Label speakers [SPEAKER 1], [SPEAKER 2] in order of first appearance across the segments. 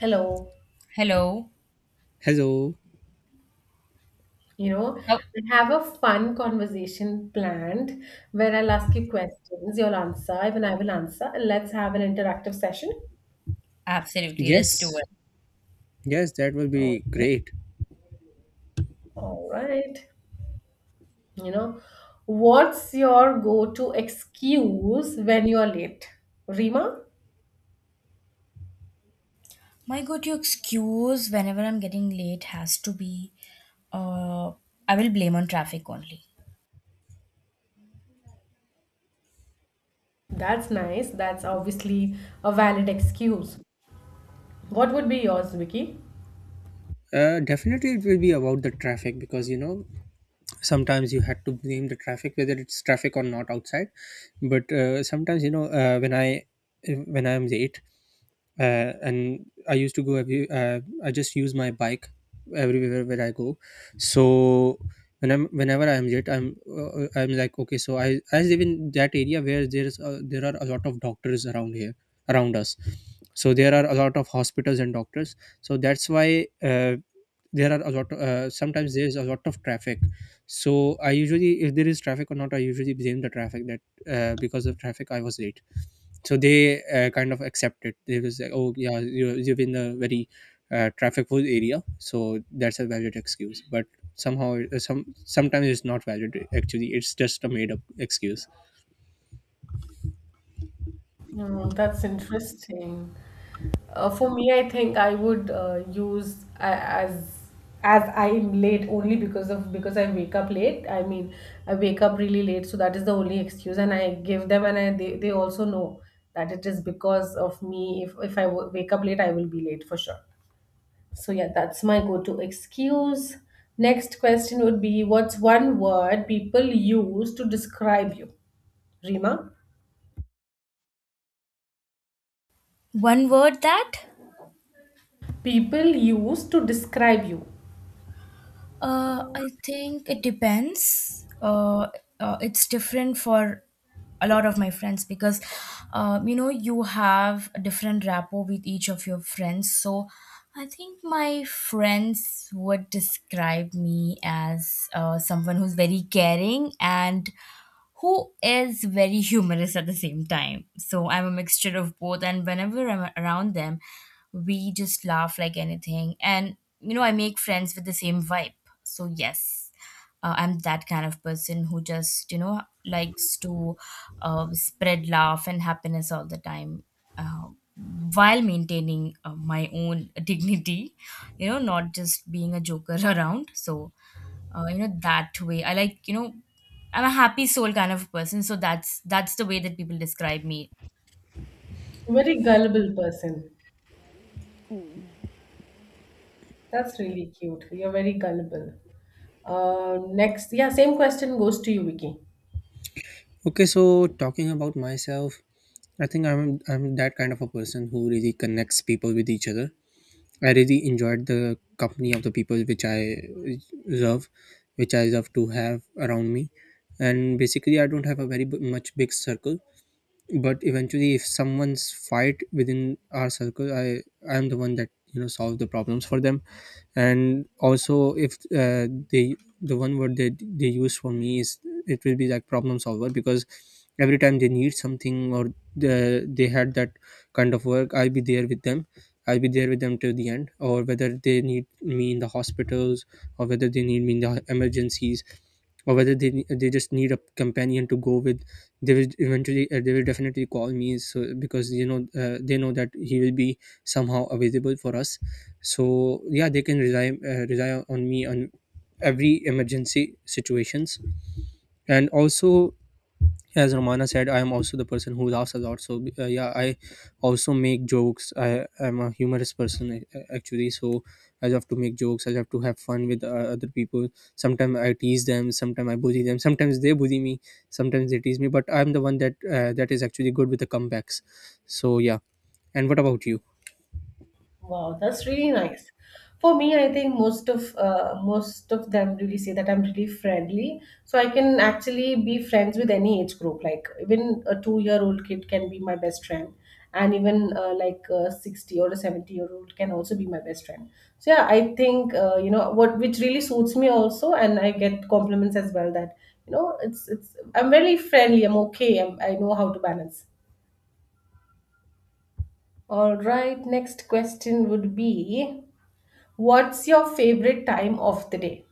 [SPEAKER 1] Hello.
[SPEAKER 2] Hello.
[SPEAKER 3] Hello.
[SPEAKER 1] You know,
[SPEAKER 2] Oh,
[SPEAKER 1] I have a fun conversation planned where I'll ask you questions, you'll answer, even I will answer. Let's have an interactive session.
[SPEAKER 2] absolutely. Let's do
[SPEAKER 3] Yes,
[SPEAKER 2] it.
[SPEAKER 3] yes, that will be
[SPEAKER 1] Oh,
[SPEAKER 3] great.
[SPEAKER 1] All right. You know, what's your go-to excuse when you're late? Rima?
[SPEAKER 2] My God, your excuse whenever I'm getting late has to be, uh, I will blame on traffic only.
[SPEAKER 1] That's nice. That's obviously a valid excuse. What would be yours, Vicky?
[SPEAKER 3] Definitely, it will be about the traffic because you know sometimes you had to blame the traffic whether it's traffic or not outside. But sometimes you know when I am late, and I used to go every I just use my bike everywhere where I go. So whenever I'm late, I'm like, okay, so I live in that area where there are a lot of doctors around here, around us. So there are a lot of hospitals and doctors. So that's why there are a lot sometimes there is a lot of traffic. So I usually, if there is traffic or not, I usually blame the traffic that because of traffic I was late. So they kind of accept it. They was like, oh, yeah, you live in a very traffic full area, so that's a valid excuse. But somehow sometimes it's not valid, actually. It's just a made up excuse.
[SPEAKER 1] Oh, that's interesting. For me, I think I would as I'm late only because of because I wake up late. I mean, I wake up really late, so that is the only excuse, and I give them, and I they also know that it is because of me. If I w wake up late, I will be late for sure. So yeah, that's my go-to excuse. Next question would be, what's one word people use to describe you? Rima,
[SPEAKER 2] One word that,
[SPEAKER 1] people use to describe you.
[SPEAKER 2] I think it depends. It's different for a lot of my friends because, you know, you have a different rapport with each of your friends. So I think my friends would describe me as someone who's very caring and who is very humorous at the same time. So I'm a mixture of both, and whenever I'm around them, we just laugh like anything. And you know, I make friends with the same vibe. So yes, I'm that kind of person who just you know likes to spread laugh and happiness all the time. Uh, while maintaining my own dignity, you know, not just being a joker around. So, you know that way I like, you know, I'm a happy soul kind of person, so that's the way that people describe me.
[SPEAKER 1] Very gullible person. That's really cute. You're very gullible. Next, yeah, same question goes to you, Vicky.
[SPEAKER 3] Okay, so talking about myself, I think I'm that kind of a person who really connects people with each other. I really enjoyed the company of the people which love I love to have around me. And basically I don't have a very b- much big circle, but eventually if someone's fight within our circle, I am the one that, you know, solve the problems for them. And also, if the one word that they use for me is, it will be like problem solver. Because every time they need something or they had that kind of work, I'll be there with them till the end. Or whether they need me in the hospitals, or whether they need me in the emergencies, or whether they just need a companion to go with, they will definitely call me. So because you know they know that he will be somehow available for us. So yeah, they can rely on me on every emergency situations. And also, as Romana said, I am also the person who laughs a lot. So yeah, I also make jokes. I am a humorous person, actually. So I love to make jokes. I love to have fun with other people. Sometimes I tease them, sometimes I bully them, sometimes they bully me, sometimes they tease me. But I'm the one that that is actually good with the comebacks. So yeah, and what about you?
[SPEAKER 1] Wow, that's really nice. For me, I think most of them really say that I'm really friendly, so I can actually be friends with any age group. Like even a two-year-old kid can be my best friend, and even like a 60 or a 70-year-old can also be my best friend. So yeah, I think what which really suits me also, and I get compliments as well that it's I'm very friendly. I'm okay. I'm, I know how to balance. All right, next question would be. What's your favorite time of the day,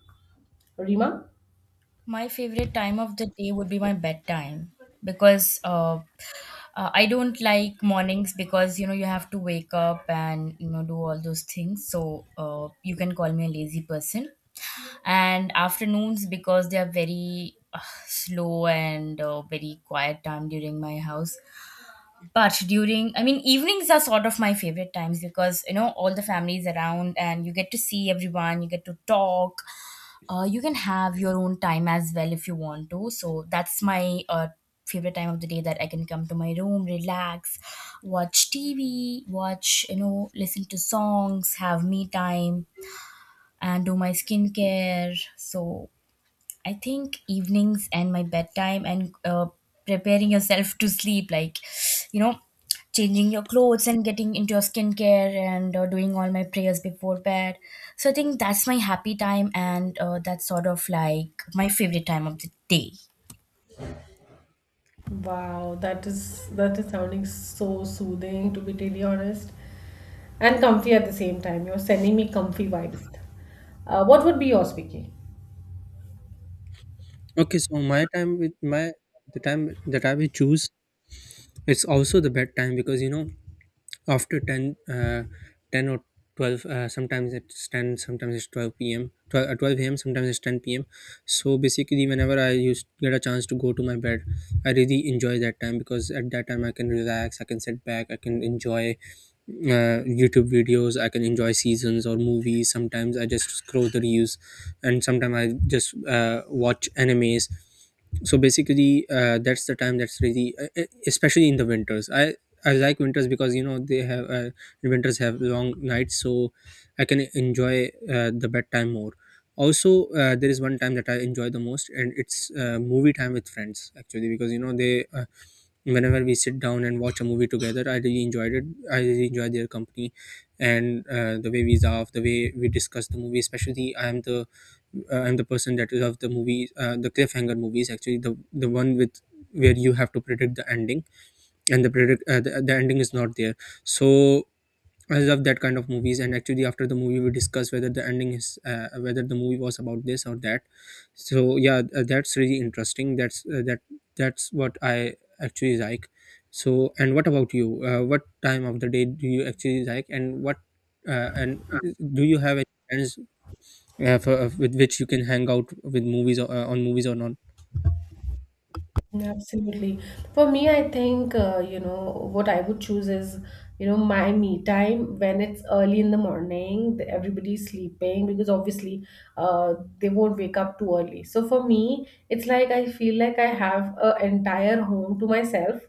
[SPEAKER 1] Rima?
[SPEAKER 2] My favorite time of the day would be my bedtime because I don't like mornings because you know you have to wake up and you know do all those things, so you can call me a lazy person. And afternoons because they are very slow and very quiet time during my house. But during, I mean, evenings are sort of my favorite times because you know all the families around and you get to see everyone, you get to talk. You can have your own time as well if you want to, so that's my, favorite time of the day that I can come to my room, relax, watch TV, watch, you know, listen to songs, have me time, and do my skincare. So I think evenings and my bedtime and, preparing yourself to sleep, like, you know, changing your clothes and getting into your skincare and doing all my prayers before bed. So I think that's my happy time and, that's sort of like my favorite time of the day.
[SPEAKER 1] Wow, that is sounding so soothing to be really honest, and comfy at the same time. You're sending me comfy vibes. What would be yours, Vicky?
[SPEAKER 3] Okay, so my time with my the time that I will choose, it's also the bed time. Because you know, after 10, 10 or 12, sometimes it's ten, sometimes it's 12 p.m. 12, 12 a.m., sometimes it's ten p.m. So basically, whenever I used get a chance to go to my bed, I really enjoy that time. Because at that time I can relax, I can sit back, I can enjoy YouTube videos, I can enjoy seasons or movies. Sometimes I just scroll the reels, and sometimes I just watch animes. So basically that's the time that's really especially in the winters. I like winters because you know they have winters have long nights, so I can enjoy the bedtime more. Also there is one time that I enjoy the most, and it's movie time with friends, actually. Because you know they whenever we sit down and watch a movie together, I really enjoyed it. I really enjoy their company. And the way we laugh, the way we discuss the movie. Especially I am the I'm the person that loves the movie the cliffhanger movies, actually. The one with where you have to predict the ending. And the the ending is not there. So I love that kind of movies. And actually, after the movie, we discuss whether the ending is whether the movie was about this or that. So yeah, that's really interesting. That's that's what I actually like. So, and what about you? What time of the day do you actually like? And what and do you have any friends with which you can hang out with movies, or on movies or not?
[SPEAKER 1] Absolutely. For me, I think, what I would choose is, you know, my me time when it's early in the morning, everybody's sleeping because obviously they won't wake up too early. So for me, it's like I feel like I have an entire home to myself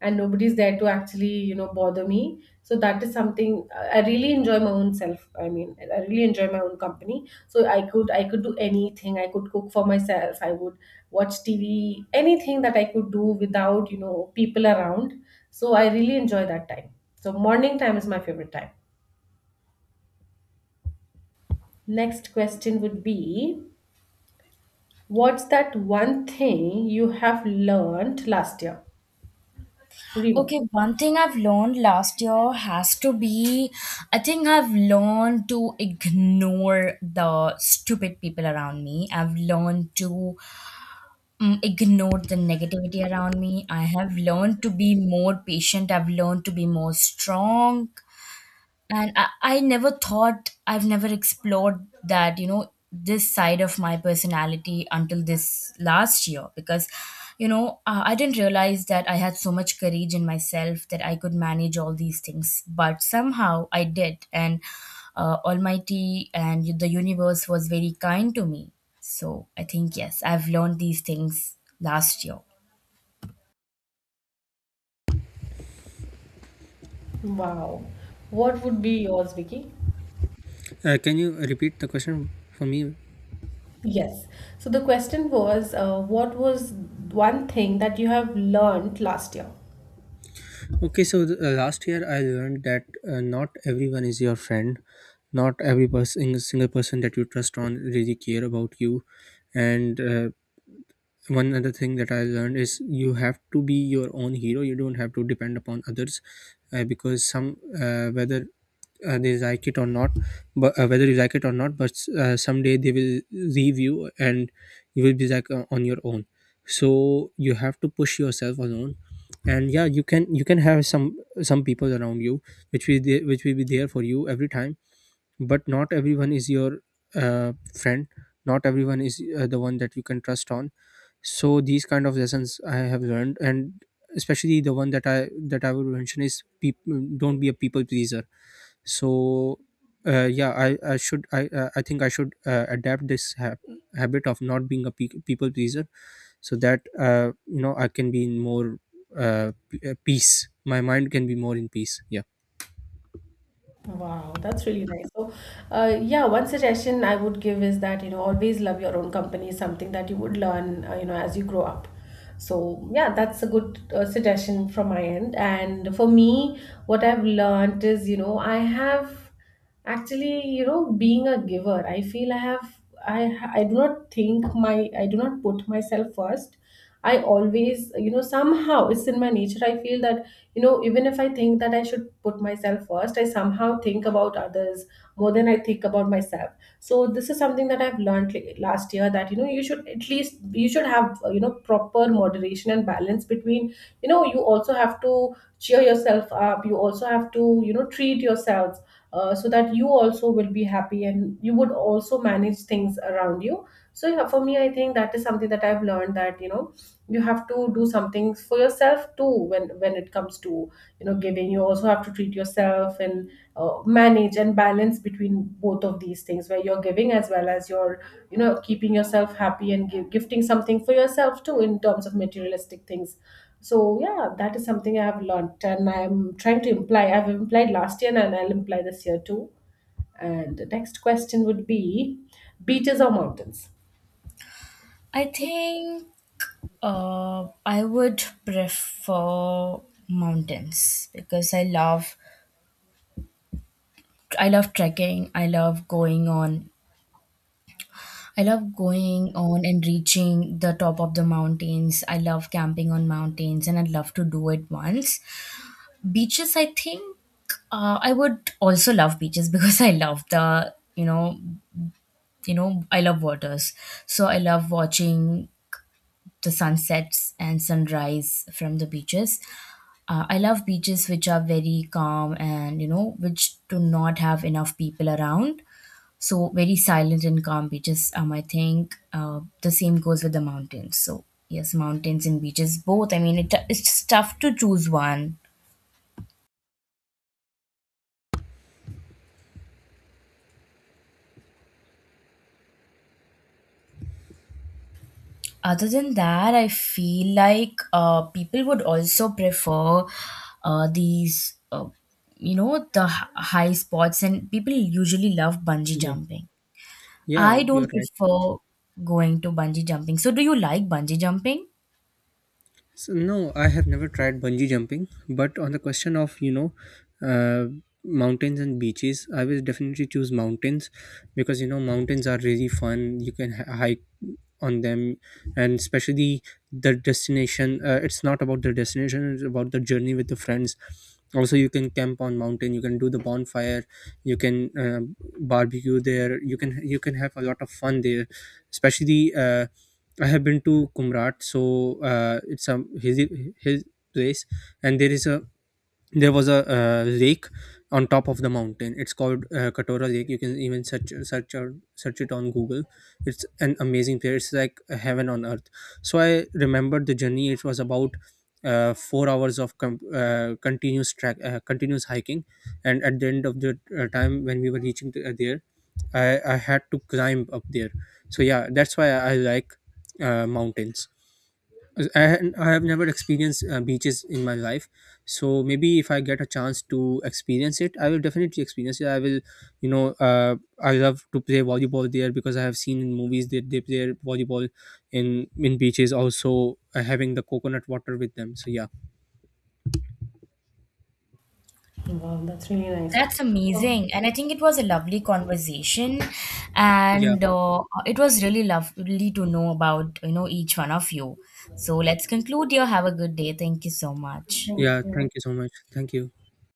[SPEAKER 1] and nobody's there to actually bother me, so that is something I really enjoy my own self. I mean, I really enjoy my own company, so I could do anything. I could cook for myself. I would watch TV, anything that I could do without people around, so I really enjoy that time. So morning time is my favorite time. Next question would be, what's that one thing you have learned last year, Rima?
[SPEAKER 2] Okay, one thing I've learned last year has to be I think I've learned to ignore the stupid people around me. I've learned to ignored the negativity around me. I have learned to be more patient. I've learned to be more strong, and I never thought, I've never explored, that you know, this side of my personality until this last year, because you know I didn't realize that I had so much courage in myself that I could manage all these things, but somehow I did. And almighty and the universe was very kind to me, so I think yes, I've learned these things last year.
[SPEAKER 1] Wow. What would be yours, Vicky?
[SPEAKER 3] Can you repeat the question for me?
[SPEAKER 1] Yes. So the question was, what was one thing that you have learned last year?
[SPEAKER 3] Okay, so last year I learned that not everyone is your friend. Not every person, single person that you trust on really care about you. And one other thing that I learned is you have to be your own hero. You don't have to depend upon others. Because some whether they like it or not, but whether you like it or not, but someday they will leave you, and you will be like on your own. So you have to push yourself alone. And yeah, you can have some people around you, which will be there for you every time. But not everyone is your friend. Not everyone is the one that you can trust on. So these kind of lessons I have learned. And especially the one that I would mention is, people, don't be a people pleaser. So yeah, I think I should adapt this habit of not being a people pleaser. So that you know, I can be in more peace. My mind can be more in peace. Yeah,
[SPEAKER 1] Wow, that's really nice. So, yeah, one suggestion I would give is that, you know, always love your own company, is something that you would learn, as you grow up. So, yeah, that's a good suggestion from my end. And for me, what I've learned is, you know, I have actually, you know, being a giver, I feel I do not think I do not put myself first. I always, you know, somehow it's in my nature. I feel that, you know, even if I think that I should put myself first, I somehow think about others more than I think about myself. So this is something that I've learned last year, that, you know, you should have, proper moderation and balance between, you know, you also have to cheer yourself up. You also have to, you know, treat yourself, so that you also will be happy and you would also manage things around you. So yeah, for me, I think that is something that I've learned, that, you know, you have to do something for yourself too, when it comes to, you know, giving. You also have to treat yourself and manage and balance between both of these things, where you're giving as well as you're, you know, keeping yourself happy and gifting something for yourself too, in terms of materialistic things. So yeah, that is something I have learnt, and I'm trying to imply, I've implied last year, and I'll imply this year too. And the next question would be, beaches or mountains?
[SPEAKER 2] I think I would prefer mountains because I love, I love trekking. I love going on. I love going on and reaching the top of the mountains. I love camping on mountains and I'd love to do it once. Beaches, I think I would also love beaches because I love the, you know, you know, I love waters. So I love watching the sunsets and sunrise from the beaches. I love beaches which are very calm and you know which do not have enough people around. So very silent and calm beaches. Um, I think, the same goes with the mountains. So yes, mountains and beaches both. I mean, it's tough to choose one. Other than that, I feel like people would also prefer these you know, the high spots, and people usually love bungee
[SPEAKER 3] yeah,
[SPEAKER 2] jumping.
[SPEAKER 3] yeah,
[SPEAKER 2] I
[SPEAKER 3] you're
[SPEAKER 2] don't
[SPEAKER 3] right.
[SPEAKER 2] prefer going to bungee jumping. So, do you like bungee jumping?
[SPEAKER 3] So, no, I have never tried bungee jumping. But on the question of, you know, uh, mountains and beaches, I will definitely choose mountains. Because you know, mountains are really fun. You can hike on them. And especially the destination. It's not about the destination, it's about the journey with the friends. Also, you can camp on mountain, you can do the bonfire, you can barbecue there. You can have a lot of fun there, especially I have been to Kumrat. So it's a his place. And there is a there was a lake on top of the mountain. It's called Katora Lake. You can even search it on Google. It's an amazing place. It's like heaven on earth. So I remembered the journey. It was about 4 hours of continuous hiking. And at the end of the time, when we were reaching there, I had to climb up there. So yeah, that's why I like mountains. I have never experienced beaches in my life. So maybe if I get a chance to experience it, I will definitely experience it. I will, you know, I love to play volleyball there, because I have seen in movies that they play volleyball in beaches. Also, having the coconut water with them. So yeah,
[SPEAKER 1] Wow, that's really nice.
[SPEAKER 2] That's
[SPEAKER 1] So
[SPEAKER 2] amazing. And I think it was a lovely conversation.
[SPEAKER 3] yeah,
[SPEAKER 2] And it was really lovely to know about, you know, each one of you. So let's conclude here. Have a good day. Thank you so much.
[SPEAKER 1] thank
[SPEAKER 3] yeah.
[SPEAKER 1] you.
[SPEAKER 3] Thank you so much. Thank you.